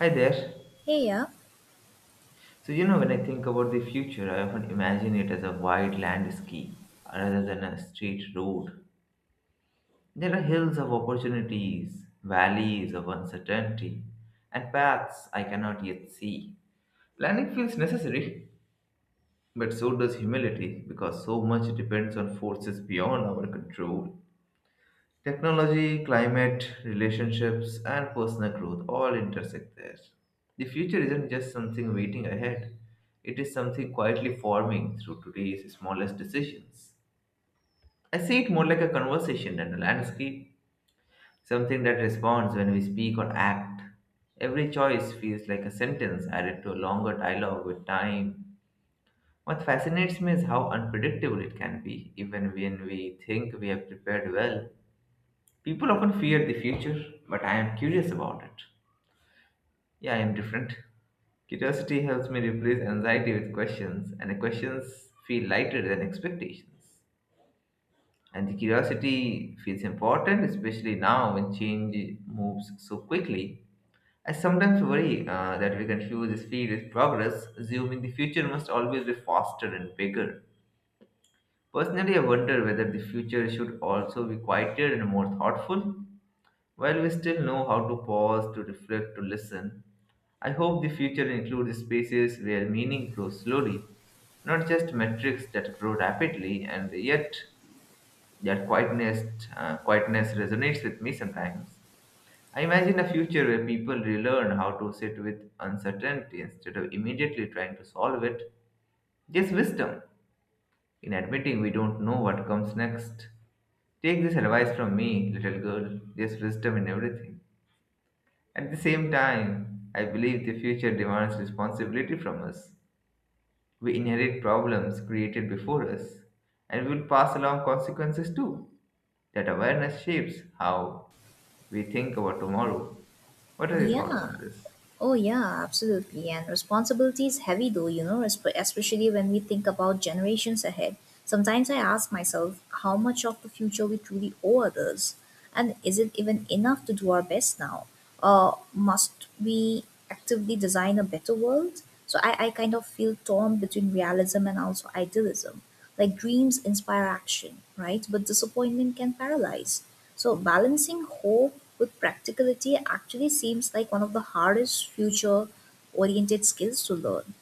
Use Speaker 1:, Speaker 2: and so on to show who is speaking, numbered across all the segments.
Speaker 1: Hi there.
Speaker 2: Hey,
Speaker 1: So, you know, when I think about the future, I often imagine it as a wide landscape rather than a straight road. There are hills of opportunities, valleys of uncertainty, and paths I cannot yet see. Planning feels necessary, but so does humility because so much depends on forces beyond our control. Technology, climate, relationships, and personal growth all intersect there. The future isn't just something waiting ahead, it is something quietly forming through today's smallest decisions. I see it more like a conversation than a landscape, something that responds when we speak or act. Every choice feels like a sentence added to a longer dialogue with time. What fascinates me is how unpredictable it can be, even when we think we have prepared well. People often fear the future, but I am curious about it. Yeah, I am different. Curiosity helps me replace anxiety with questions, and the questions feel lighter than expectations. And the curiosity feels important, especially now when change moves so quickly. I sometimes worry that we confuse speed with progress, assuming the future must always be faster and bigger. Personally, I wonder whether the future should also be quieter and more thoughtful. While we still know how to pause, to reflect, to listen, I hope the future includes spaces where meaning grows slowly, not just metrics that grow rapidly, and yet that quietness, quietness resonates with me sometimes. I imagine a future where people relearn how to sit with uncertainty instead of immediately trying to solve it. There's wisdom in admitting we don't know what comes next. Take this advice from me, little girl. There's wisdom in everything. At the same time, I believe the future demands responsibility from us. We inherit problems created before us, and we will pass along consequences too. That awareness shapes how we think about tomorrow. What are your thoughts
Speaker 2: yeah,
Speaker 1: on this?
Speaker 2: oh yeah, absolutely. And responsibility is heavy though, you know, especially when we think about generations ahead. Sometimes I ask myself how much of the future we truly owe others, and is it even enough to do our best now? Or must we actively design a better world? So I kind of feel torn between realism and also idealism. Like dreams inspire action, right? But disappointment can paralyze. So, balancing hope with practicality actually seems like one of the hardest future oriented skills to learn.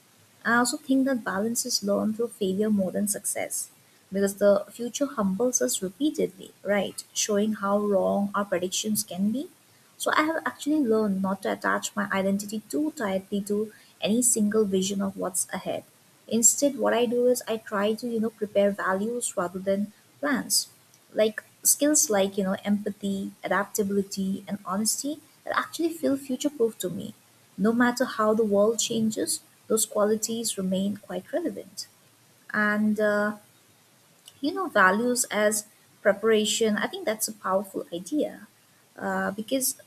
Speaker 2: I also think that balance is learned through failure more than success because the future humbles us repeatedly, right? Showing how wrong our predictions can be. So I have actually learned not to attach my identity too tightly to any single vision of what's ahead. Instead, what I do is I try to, you know, prepare values rather than plans. Like skills like, you know, empathy, adaptability, and honesty that actually feel future proof to me no matter how the world changes, those qualities remain quite relevant. And, uh, you know, values as preparation, I think that's a powerful idea because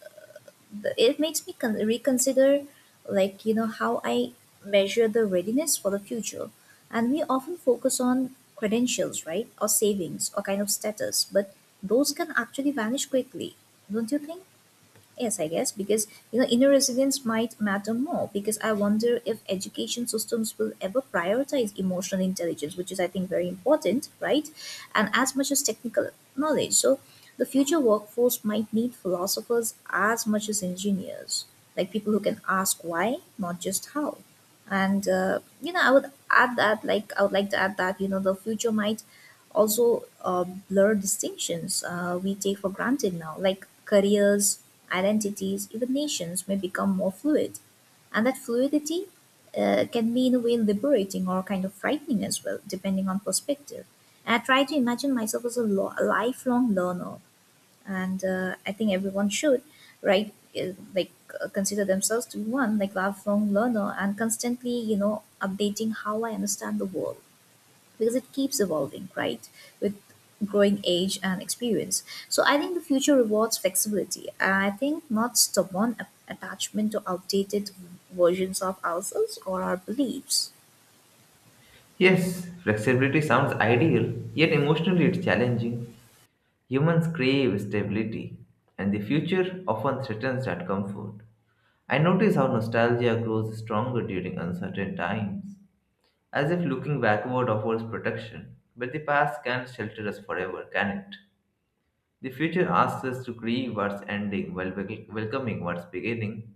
Speaker 2: it makes me reconsider, like, you know, how I measure the readiness for the future. And we often focus on credentials, right? Or savings or kind of status, but those can actually vanish quickly, don't you think? Yes, I guess, because you know inner resilience might matter more because I wonder if education systems will ever prioritize emotional intelligence, which is I think very important, right? And as much as technical knowledge. So the future workforce might need philosophers as much as engineers, like people who can ask why, not just how. And you know, I would add that, like I would like to add that you know the future might also blur distinctions we take for granted now, like careers identities, even nations may become more fluid. And that fluidity can be, in a way, liberating or kind of frightening as well, depending on perspective. And I try to imagine myself as a, a lifelong learner, and I think everyone should, right? Like consider themselves to be one, like lifelong learner, and constantly, you know, updating how I understand the world because it keeps evolving, right? With growing age and experience. So I think the future rewards flexibility. I think not stubborn attachment to outdated versions of ourselves or our beliefs.
Speaker 1: Yes, flexibility sounds ideal, yet emotionally it's challenging. Humans crave stability, and the future often threatens that comfort. I notice how nostalgia grows stronger during uncertain times. As if looking backward offers protection, but the past can't shelter us forever, can it? The future asks us to grieve what's ending while welcoming what's beginning.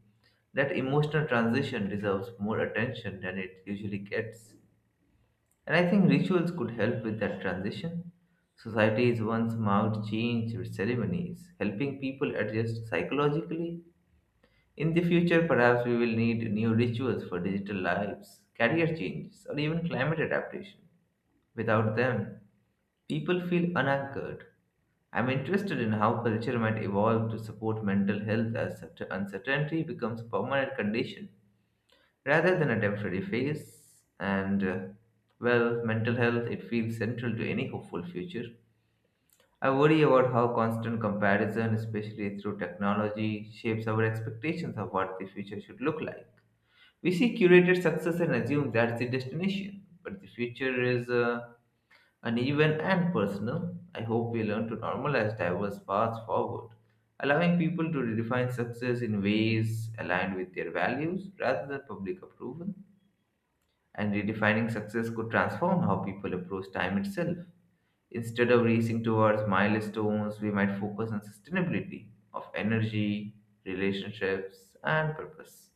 Speaker 1: That emotional transition deserves more attention than it usually gets. And I think rituals could help with that transition. Societies once marked change with ceremonies, helping people adjust psychologically. In the future, perhaps we will need new rituals for digital lives, career changes, or even climate adaptation. Without them, people feel unanchored. I'm interested in how culture might evolve to support mental health as such uncertainty becomes a permanent condition rather than a temporary phase. And Well, mental health it feels central to any hopeful future. I worry about how constant comparison, especially through technology, shapes our expectations of what the future should look like. We see curated success and assume that's the destination, but the future is. Uneven and personal. I hope we learn to normalize diverse paths forward, allowing people to redefine success in ways aligned with their values rather than public approval. And redefining success could transform how people approach time itself. Instead of racing towards milestones, we might focus on sustainability of energy, relationships, and purpose.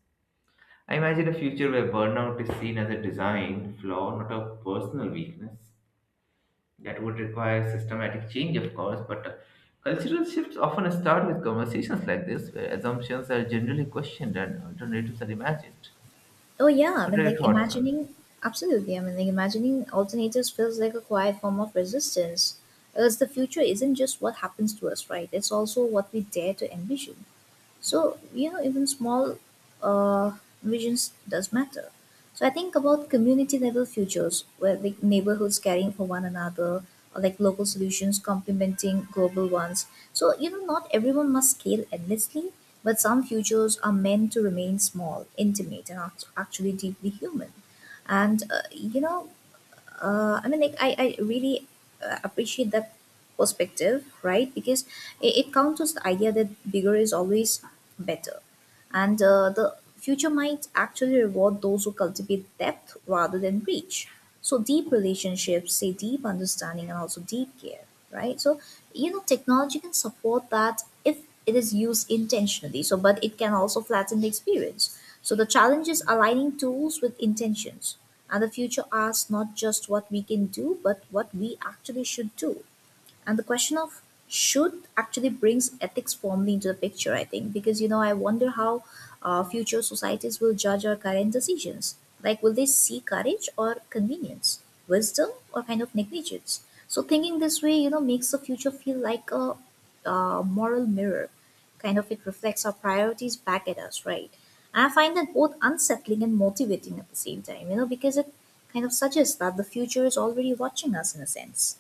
Speaker 1: I imagine a future where burnout is seen as a design flaw, not a personal weakness that would require systematic change, of course, but cultural shifts often start with conversations like this, where assumptions are generally questioned and alternatives are imagined.
Speaker 2: Oh yeah, I
Speaker 1: What
Speaker 2: mean
Speaker 1: are your
Speaker 2: like
Speaker 1: thoughts on this?
Speaker 2: imagining Absolutely. I mean like imagining alternatives feels like a quiet form of resistance. Because the future isn't just what happens to us, right? It's also what we dare to envision. So you know even small uh, visions does matter. So I think about community level futures where like neighborhoods caring for one another or like local solutions complementing global ones. So you know not everyone must scale endlessly, but some futures are meant to remain small, intimate and actually deeply human. And you know I mean, like I really appreciate that perspective, right? Because it counters the idea that bigger is always better, and the future might actually reward those who cultivate depth rather than reach. So deep relationships, say deep understanding, and also deep care, right? So you know, technology can support that if it is used intentionally. So, but it can also flatten the experience. So the challenge is aligning tools with intentions, and the future asks not just what we can do, but what we actually should do. And the question of should actually brings ethics formally into the picture, I think, because you know I wonder how future societies will judge our current decisions. Like will they see courage or convenience, wisdom or kind of negligence? So thinking this way you know makes the future feel like a moral mirror, kind of. It reflects our priorities back at us, right? And I find that both unsettling and motivating at the same time, you know, because it kind of suggests that the future is already watching us in a sense.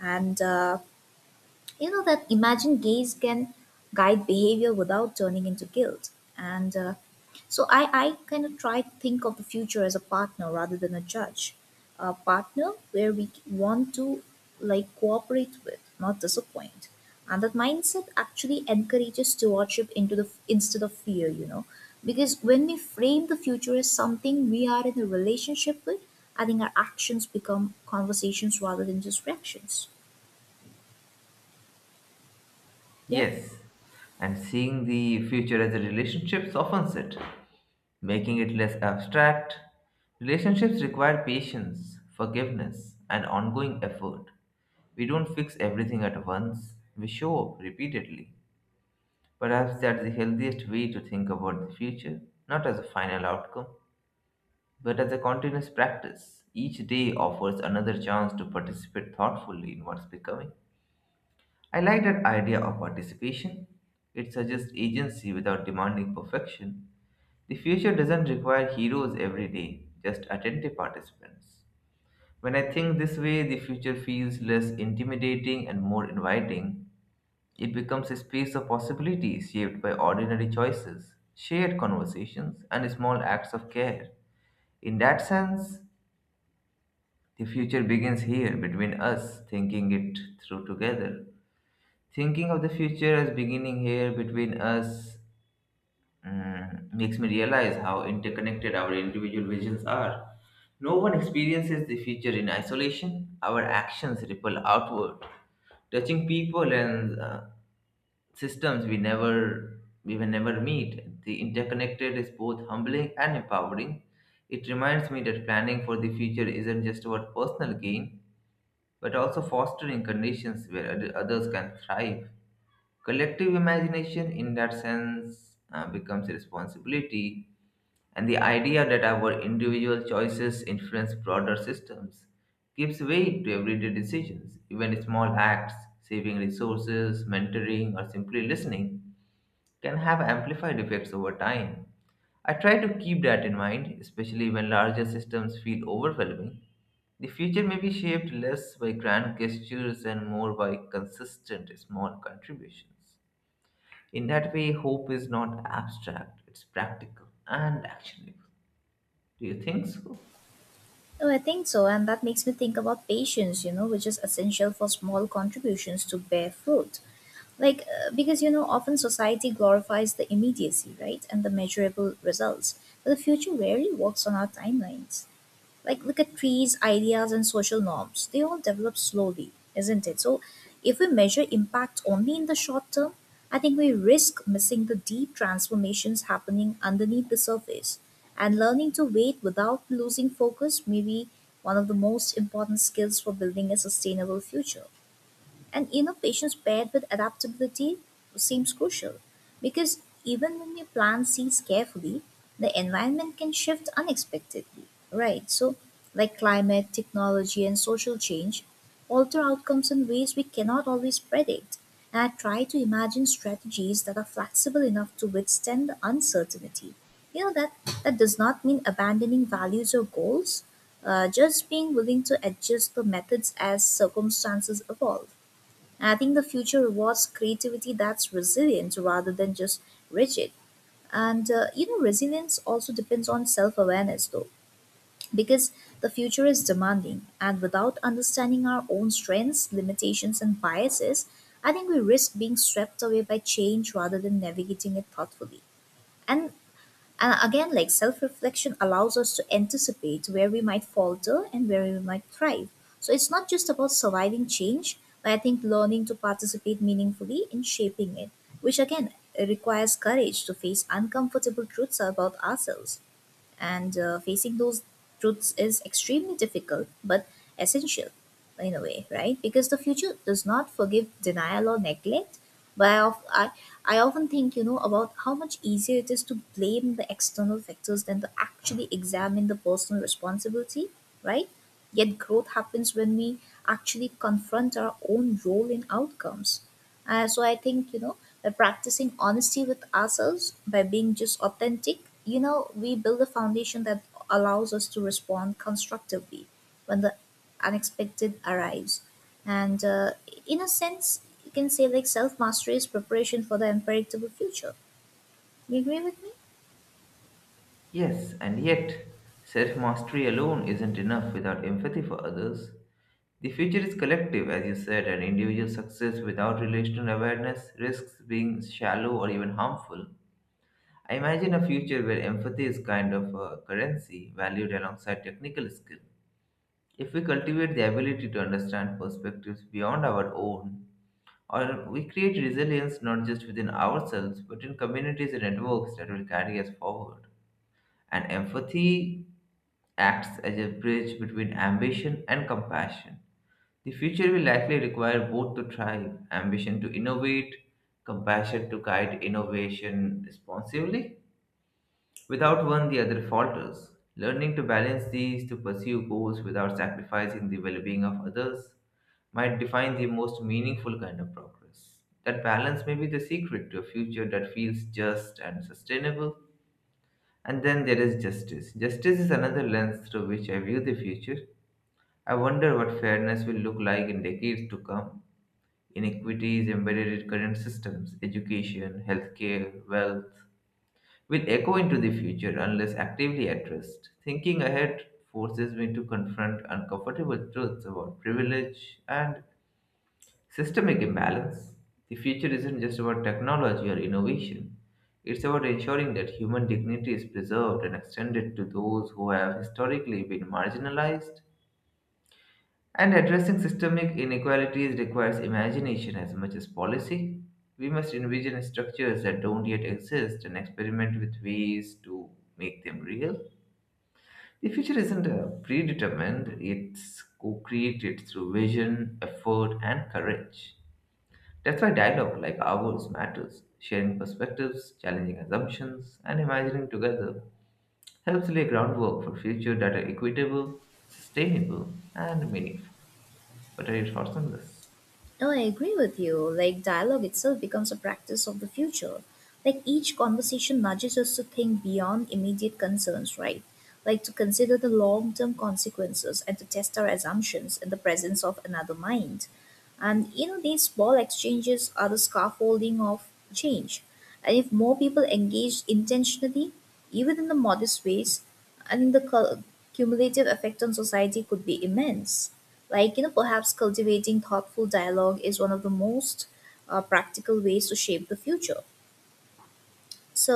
Speaker 2: And You know that imagined gaze can guide behavior without turning into guilt. And so I kind of try to think of the future as a partner rather than a judge. A partner where we want to like cooperate with, not disappoint. And that mindset actually encourages stewardship into the instead of fear, you know. Because when we frame the future as something we are in a relationship with, I think our actions become conversations rather than just reactions. Yeah?
Speaker 1: Yes, and seeing the future as a relationship softens it, making it less abstract. Relationships require patience, forgiveness, and ongoing effort. We don't fix everything at once, we show up repeatedly. Perhaps that's the healthiest way to think about the future, not as a final outcome, but as a continuous practice. Each day offers another chance to participate thoughtfully in what's becoming. I like that idea of participation. It suggests agency without demanding perfection. The future doesn't require heroes every day, just attentive participants. When I think this way, the future feels less intimidating and more inviting. It becomes a space of possibilities shaped by ordinary choices, shared conversations, and small acts of care. In that sense, the future begins here between us thinking it through together. Thinking of the future as beginning here between us makes me realize how interconnected our individual visions are. No one experiences the future in isolation, our actions ripple outward touching people and systems we never we will never meet. The interconnected is both humbling and empowering. It reminds me that planning for the future isn't just about personal gain, but also fostering conditions where others can thrive. Collective imagination, in that sense, becomes a responsibility, and the idea that our individual choices influence broader systems gives weight to everyday decisions, even small acts, saving resources, mentoring, or simply listening can have amplified effects over time. I try to keep that in mind, especially when larger systems feel overwhelming. The future may be shaped less by grand gestures and more by consistent small contributions. In that way, hope is not abstract, it's practical and actionable. Do you think so?
Speaker 2: Oh, I think so, and that makes me think about patience, you know, which is essential for small contributions to bear fruit. Like, because, you know, often society glorifies the immediacy, right, and the measurable results, but the future rarely works on our timelines. Like look at trees, ideas and social norms, they all develop slowly, isn't it? So if we measure impact only in the short term, I think we risk missing the deep transformations happening underneath the surface. And learning to wait without losing focus may be one of the most important skills for building a sustainable future. And you know, patience paired with adaptability seems crucial because even when you plant seeds carefully, the environment can shift unexpectedly, right? So, like climate, technology, and social change alter outcomes in ways we cannot always predict. And I try to imagine strategies that are flexible enough to withstand the uncertainty. You know, that does not mean abandoning values or goals, just being willing to adjust the methods as circumstances evolve. And I think the future rewards creativity that's resilient rather than just rigid. And you know, resilience also depends on self awareness, though, because the future is demanding. And without understanding our own strengths, limitations, and biases, I think we risk being swept away by change rather than navigating it thoughtfully. And and again, like self reflection allows us to anticipate where we might falter and where we might thrive. So it's not just about surviving change, but I think learning to participate meaningfully in shaping it, which again requires courage to face uncomfortable truths about ourselves. And facing those truths is extremely difficult but essential in a way, right? Because the future does not forgive denial or neglect. But I often think you know about how much easier it is to blame the external factors than to actually examine the personal responsibility, right? Yet growth happens when we actually confront our own role in outcomes. So I think, you know, by practicing honesty with ourselves, by being just authentic, you know, we build a foundation that allows us to respond constructively when the unexpected arrives. And in a sense, you can say like self mastery is preparation for the unpredictable future. You agree with me?
Speaker 1: Yes, and yet, self mastery alone isn't enough without empathy for others. The future is collective, as you said, and individual success without relational awareness risks being shallow or even harmful. I imagine a future where empathy is kind of a currency valued alongside technical skill. If we cultivate the ability to understand perspectives beyond our own, or we create resilience not just within ourselves but in communities and networks that will carry us forward. And empathy acts as a bridge between ambition and compassion. The future will likely require both to thrive ambition to innovate, compassion to guide innovation responsibly. Without one, the other falters. Learning to balance these to pursue goals without sacrificing the well being of others might define the most meaningful kind of progress. That balance may be the secret to a future that feels just and sustainable. And then there is justice. Justice is another lens through which I view the future. I wonder what fairness will look like in decades to come. Inequities embedded in current systems, education, healthcare, wealth, will echo into the future unless actively addressed. Thinking ahead forces me to confront uncomfortable truths about privilege and systemic imbalance. The future isn't just about technology or innovation. It's about ensuring that human dignity is preserved and extended to those who have historically been marginalized. And addressing systemic inequalities requires imagination as much as policy. We must envision structures that don't yet exist and experiment with ways to make them real. The future isn't predetermined, it's co created through vision, effort, and courage. That's why dialogue like ours matters. Sharing perspectives, challenging assumptions, and imagining together helps lay groundwork for future that are equitable, sustainable, and meaningful. What are your thoughts on this?
Speaker 2: No, I agree with you. Like, dialogue itself becomes a practice of the future. Like, each conversation nudges us to think beyond immediate concerns, right? Like, to consider the long term consequences and to test our assumptions in the presence of another mind. And, you know, these small exchanges are the scaffolding of change. And if more people engage intentionally, even in the modest ways, and the cumulative effect on society could be immense. Like you know perhaps cultivating thoughtful dialogue is one of the most practical ways to shape the future. So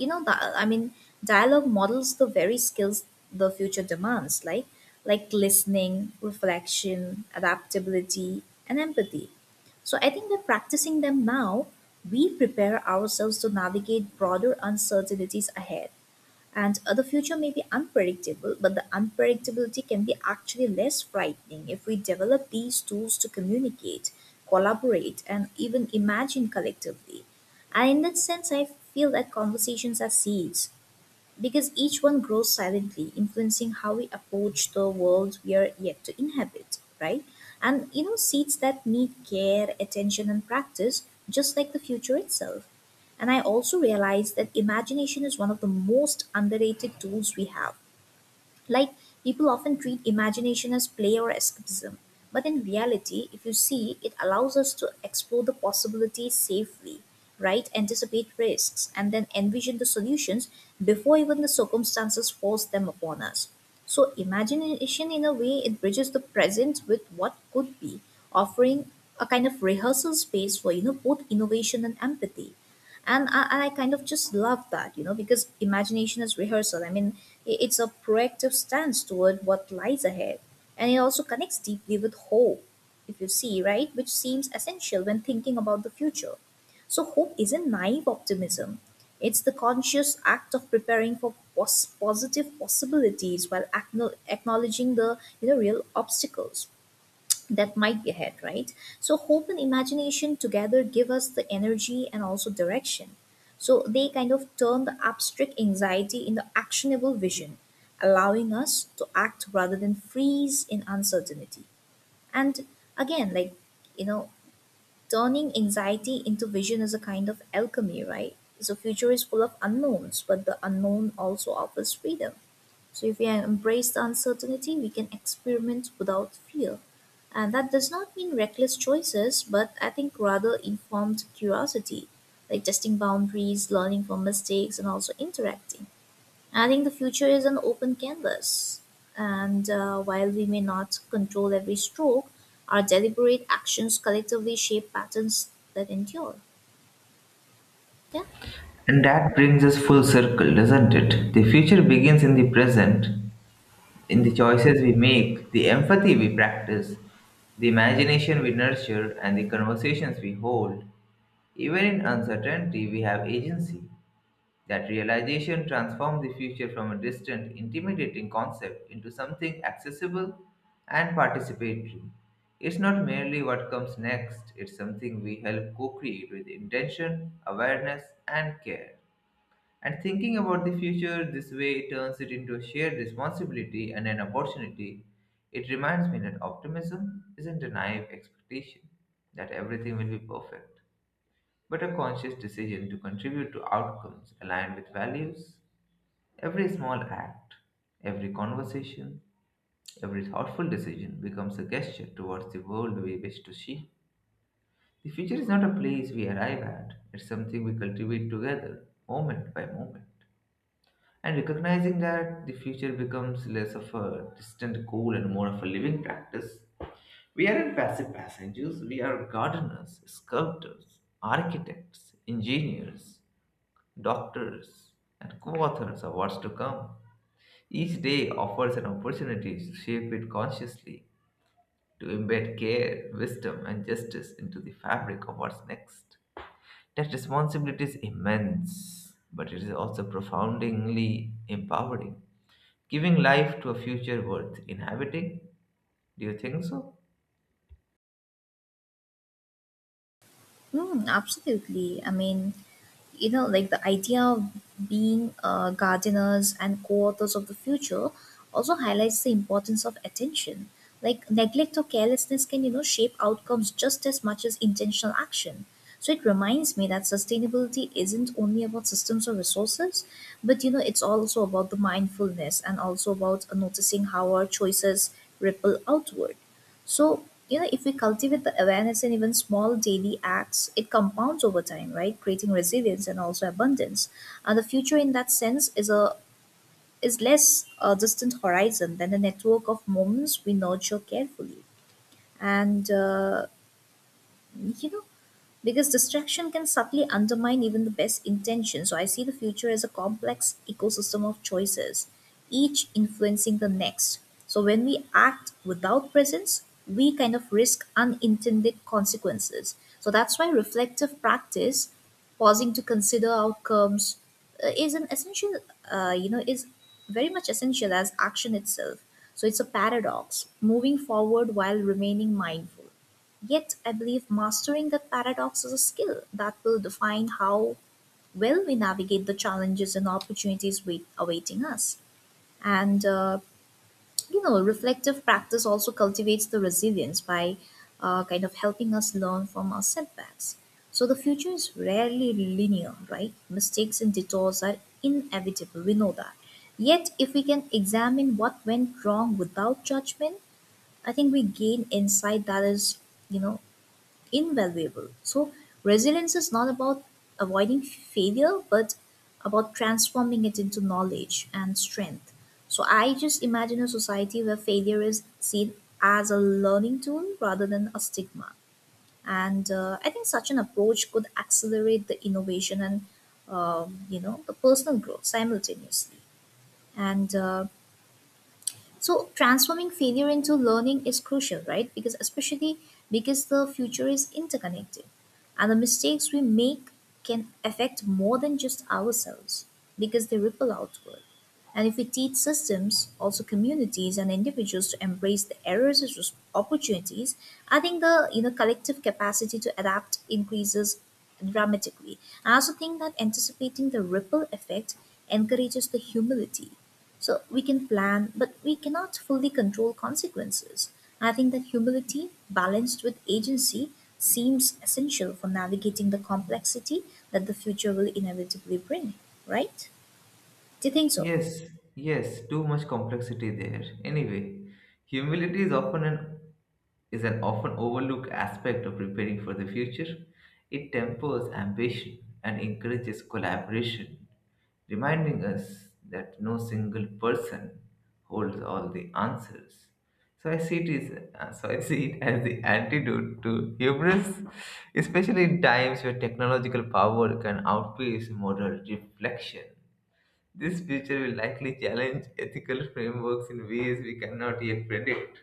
Speaker 2: you know, that I mean, dialogue models the very skills the future demands, like listening, reflection, adaptability and empathy. So I think that practicing them now, we prepare ourselves to navigate broader uncertainties ahead. And the future may be unpredictable, but the unpredictability can be actually less frightening if we develop these tools to communicate, collaborate, and even imagine collectively. And in that sense, I feel that conversations are seeds because each one grows silently, influencing how we approach the world we are yet to inhabit, right? And you know, seeds that need care, attention, and practice, just like the future itself. And I also realized that imagination is one of the most underrated tools we have. Like, people often treat imagination as play or escapism, but in reality, if you see, it allows us to explore the possibilities safely, right? Anticipate risks, and then envision the solutions before even the circumstances force them upon us. So, imagination, in a way, it bridges the present with what could be, offering a kind of rehearsal space for both innovation and empathy. And I kind of just love that, because imagination is rehearsal. It's a proactive stance toward what lies ahead, and it also connects deeply with hope, if you see, right? Which seems essential when thinking about the future. So hope isn't naive optimism, it's the conscious act of preparing for positive possibilities while acknowledging the real obstacles that might be ahead, right? So, hope and imagination together give us the energy and also direction. So, they kind of turn the abstract anxiety into actionable vision, allowing us to act rather than freeze in uncertainty. And again, like, you know, turning anxiety into vision is a kind of alchemy, right? So, future is full of unknowns, but the unknown also offers freedom. So if we embrace the uncertainty, we can experiment without fear. And that does not mean reckless choices, but I think rather informed curiosity, like testing boundaries, learning from mistakes, and also interacting. And I think the future is an open canvas. And while we may not control every stroke, our deliberate actions collectively shape patterns that endure. Yeah.
Speaker 1: And that brings us full circle, doesn't it? The future begins in the present, in the choices we make, the empathy we practice, the imagination we nurture, and the conversations we hold. Even in uncertainty, we have agency. That realization transformed the future from a distant, intimidating concept into something accessible and participatory. It's not merely what comes next, it's something we help co create with intention, awareness, and care. And thinking about the future this way turns it into a shared responsibility and an opportunity. It reminds me that optimism isn't a naive expectation that everything will be perfect but a conscious decision to contribute to outcomes aligned with values. Every small act, every conversation, every thoughtful decision becomes a gesture towards the world we wish to see. The future is not a place we arrive at, it's something we cultivate together, moment by moment. And recognizing that the future becomes less of a distant goal and more of a living practice, we aren't passive passengers, we are gardeners, sculptors, architects, engineers, doctors, and co authors of what's to come. Each day offers an opportunity to shape it consciously, to embed care, wisdom, and justice into the fabric of what's next. That responsibility is immense, but it is also profoundly empowering, giving life to a future worth inhabiting. Do you think so?
Speaker 2: Mm, absolutely. I mean, you know, like the idea of being gardeners and co authors of the future also highlights the importance of attention. Like, neglect or carelessness can, you know, shape outcomes just as much as intentional action. So, it reminds me that sustainability isn't only about systems or resources, but, you know, it's also about the mindfulness and also about noticing how our choices ripple outward. So, you know, if we cultivate the awareness in even small daily acts, it compounds over time, right? Creating resilience and also abundance. And the future, in that sense, is less a distant horizon than a network of moments we nurture carefully. And you know, because distraction can subtly undermine even the best intention. So I see the future as a complex ecosystem of choices, each influencing the next. So when we act without presence, we kind of risk unintended consequences. So that's why reflective practice, pausing to consider outcomes, is an essential, you know, is very much essential as action itself. So it's a paradox, moving forward while remaining mindful. Yet I believe mastering that paradox is a skill that will define how well we navigate the challenges and opportunities awaiting us. And, you know, reflective practice also cultivates the resilience by kind of helping us learn from our setbacks. So the future is rarely linear, right? Mistakes and detours are inevitable, we know that. Yet, if we can examine what went wrong without judgment, I think we gain insight that is, you know, invaluable. So resilience is not about avoiding failure, but about transforming it into knowledge and strength. So I just imagine a society where failure is seen as a learning tool rather than a stigma. And I think such an approach could accelerate the innovation and you know, the personal growth simultaneously. And so transforming failure into learning is crucial, right? Because especially because the future is interconnected and the mistakes we make can affect more than just ourselves because they ripple outward. And if we teach systems, also communities and individuals to embrace the errors as opportunities, I think the, you know, collective capacity to adapt increases dramatically. I also think that anticipating the ripple effect encourages the humility, so we can plan, but we cannot fully control consequences. I think that humility balanced with agency seems essential for navigating the complexity that the future will inevitably bring, right? Do you think so?
Speaker 1: Yes, yes, too much complexity there. Anyway, humility is often an often overlooked aspect of preparing for the future. It tempers ambition and encourages collaboration, reminding us that no single person holds all the answers. So I see it is so I see it as the antidote to hubris, especially in times where technological power can outpace moral reflection. This future will likely challenge ethical frameworks in ways we cannot yet predict.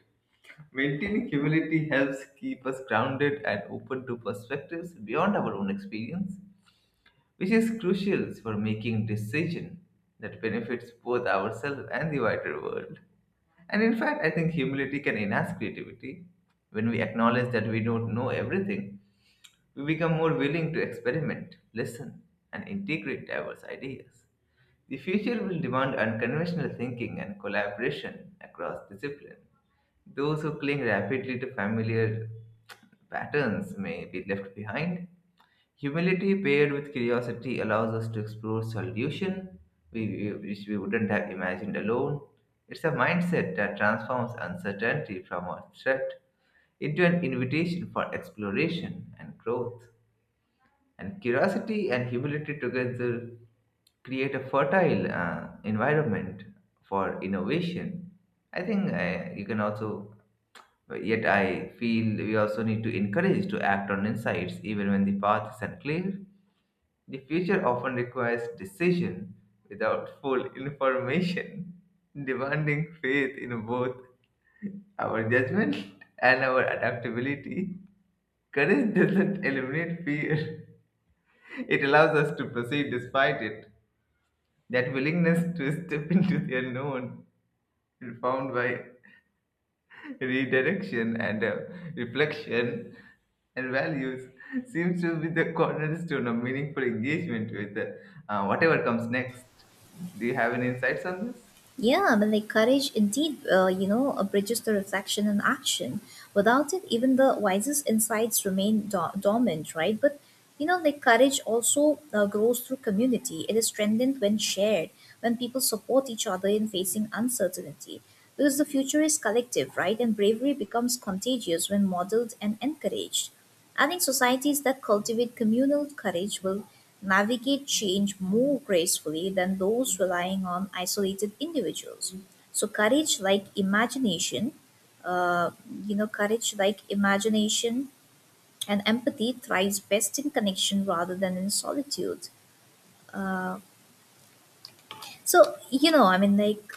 Speaker 1: Maintaining humility helps keep us grounded and open to perspectives beyond our own experience, which is crucial for making decisions that benefits both ourselves and the wider world. And in fact, I think humility can enhance creativity. When we acknowledge that we don't know everything, we become more willing to experiment, listen, and integrate diverse ideas. The future will demand unconventional thinking and collaboration across discipline. Those who cling rapidly to familiar patterns may be left behind. Humility paired with curiosity allows us to explore solution we, which we wouldn't have imagined alone. It's a mindset that transforms uncertainty from a threat into an invitation for exploration and growth. And curiosity and humility together create a fertile environment for innovation. I think you can also, Yet I feel we also need to encourage to act on insights even when the path is unclear. The future often requires decision without full information, demanding faith in both our judgment and our adaptability. Courage doesn't eliminate fear, it allows us to proceed despite it. That willingness to step into the unknown, informed by redirection and reflection and values, seems to be the cornerstone of meaningful engagement with whatever comes next. Do you have any insights on this?
Speaker 2: Yeah, I mean, like courage indeed, bridges the reflection and action. Without it, even the wisest insights remain dormant, right? But, you know, like courage also grows through community. It is strengthened when shared, when people support each other in facing uncertainty. Because the future is collective, right? And bravery becomes contagious when modeled and encouraged. I think societies that cultivate communal courage will navigate change more gracefully than those relying on isolated individuals. So uh, courage like imagination and empathy thrives best in connection rather than in solitude. Uh, so you know, I mean, like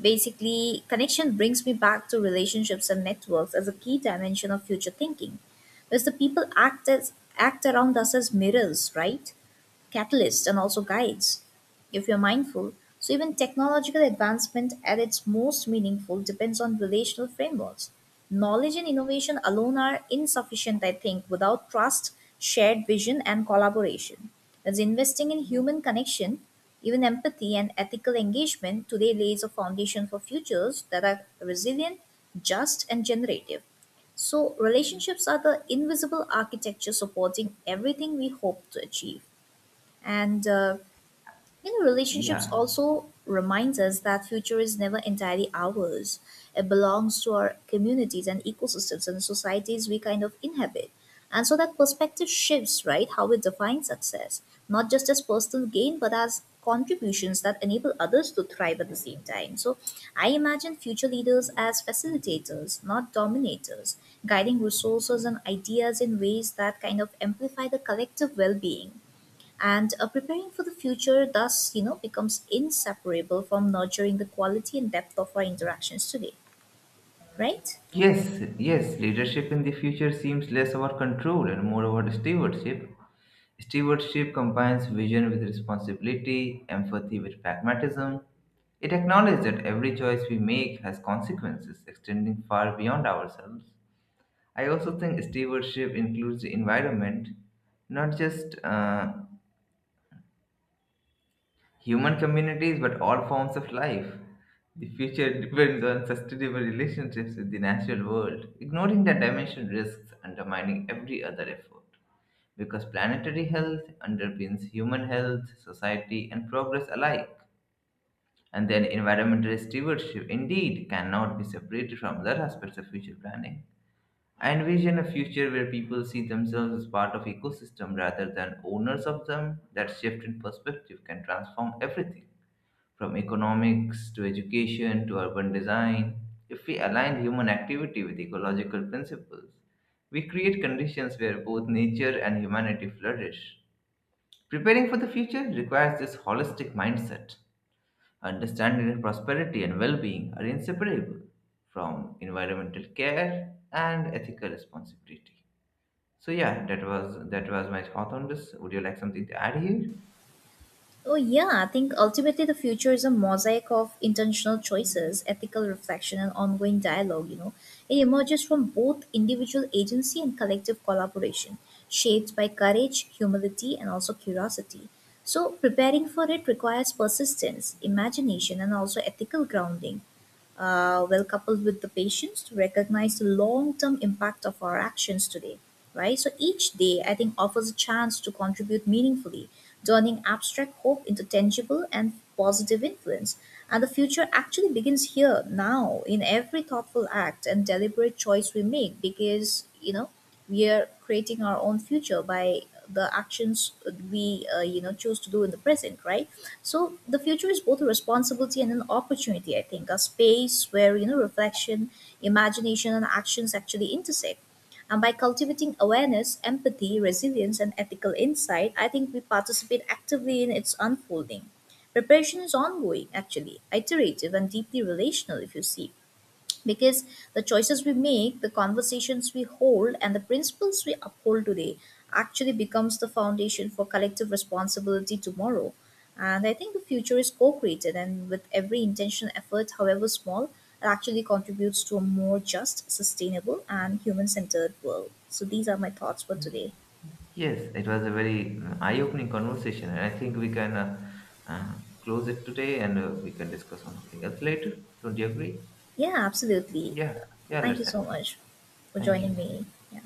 Speaker 2: basically, connection brings me back to relationships and networks as a key dimension of future thinking, because the people act as act around us as mirrors, right? Catalysts and also guides, if you're mindful. So even technological advancement at its most meaningful depends on relational frameworks. Knowledge and innovation alone are insufficient, I think, without trust, shared vision, and collaboration. As investing in human connection, even empathy and ethical engagement today lays a foundation for futures that are resilient, just, and generative. So, relationships are the invisible architecture supporting everything we hope to achieve. And you know, relationships
Speaker 1: Yeah.
Speaker 2: also reminds us that future is never entirely ours. It belongs to our communities and ecosystems and societies we kind of inhabit. And so that perspective shifts, right? How we define success, not just as personal gain, but as contributions that enable others to thrive at the same time. So I imagine future leaders as facilitators, not dominators, guiding resources and ideas in ways that kind of amplify the collective well being. And preparing for the future thus, you know, becomes inseparable from nurturing the quality and depth of our interactions today, right?
Speaker 1: Yes, yes, leadership in the future seems less about control and more about stewardship. Stewardship combines vision with responsibility, empathy with pragmatism. It acknowledges that every choice we make has consequences extending far beyond ourselves. I also think stewardship includes the environment, not just human communities but all forms of life. The future depends on sustainable relationships with the natural world. Ignoring that dimension risks undermining every other effort, because planetary health underpins human health, society, and progress alike. And then environmental stewardship indeed cannot be separated from other aspects of future planning. I envision a future where people see themselves as part of ecosystem rather than owners of them. That shift in perspective can transform everything, from economics to education to urban design. If we align human activity with ecological principles, we create conditions where both nature and humanity flourish. Preparing for the future requires this holistic mindset. Understanding that prosperity and well being are inseparable from environmental care and ethical responsibility. So yeah, that was my thought on this. Would you like something to add here?
Speaker 2: Oh yeah, I think ultimately the future is a mosaic of intentional choices, ethical reflection, and ongoing dialogue, you know. It emerges from both individual agency and collective collaboration, shaped by courage, humility, and also curiosity. So preparing for it requires persistence, imagination, and also ethical grounding, well coupled with the patience to recognize the long-term impact of our actions today, right? So each day, I think, offers a chance to contribute meaningfully, turning abstract hope into tangible and positive influence. And the future actually begins here now, in every thoughtful act and deliberate choice we make, because, you know, we are creating our own future by the actions we you know, choose to do in the present, right? So the future is both a responsibility and an opportunity, I think, a space where, you know, reflection, imagination, and actions actually intersect. And by cultivating awareness, empathy, resilience, and ethical insight, I think we participate actively in its unfolding. Preparation is ongoing, actually, iterative, and deeply relational, if you see, because the choices we make, the conversations we hold, and the principles we uphold today actually becomes the foundation for collective responsibility tomorrow. And I think the future is co-created, and with every intentional effort, however small, it actually contributes to a more just, sustainable, and human-centered world. So these are my thoughts for today.
Speaker 1: Yes, it was a very eye-opening conversation, and I think we can uh, close it today, and we can discuss on something else later. Don't you agree?
Speaker 2: Yeah, absolutely.
Speaker 1: Yeah, yeah,
Speaker 2: Thank you
Speaker 1: let's
Speaker 2: so
Speaker 1: end.
Speaker 2: much for
Speaker 1: Thank you.
Speaker 2: joining me. Yeah.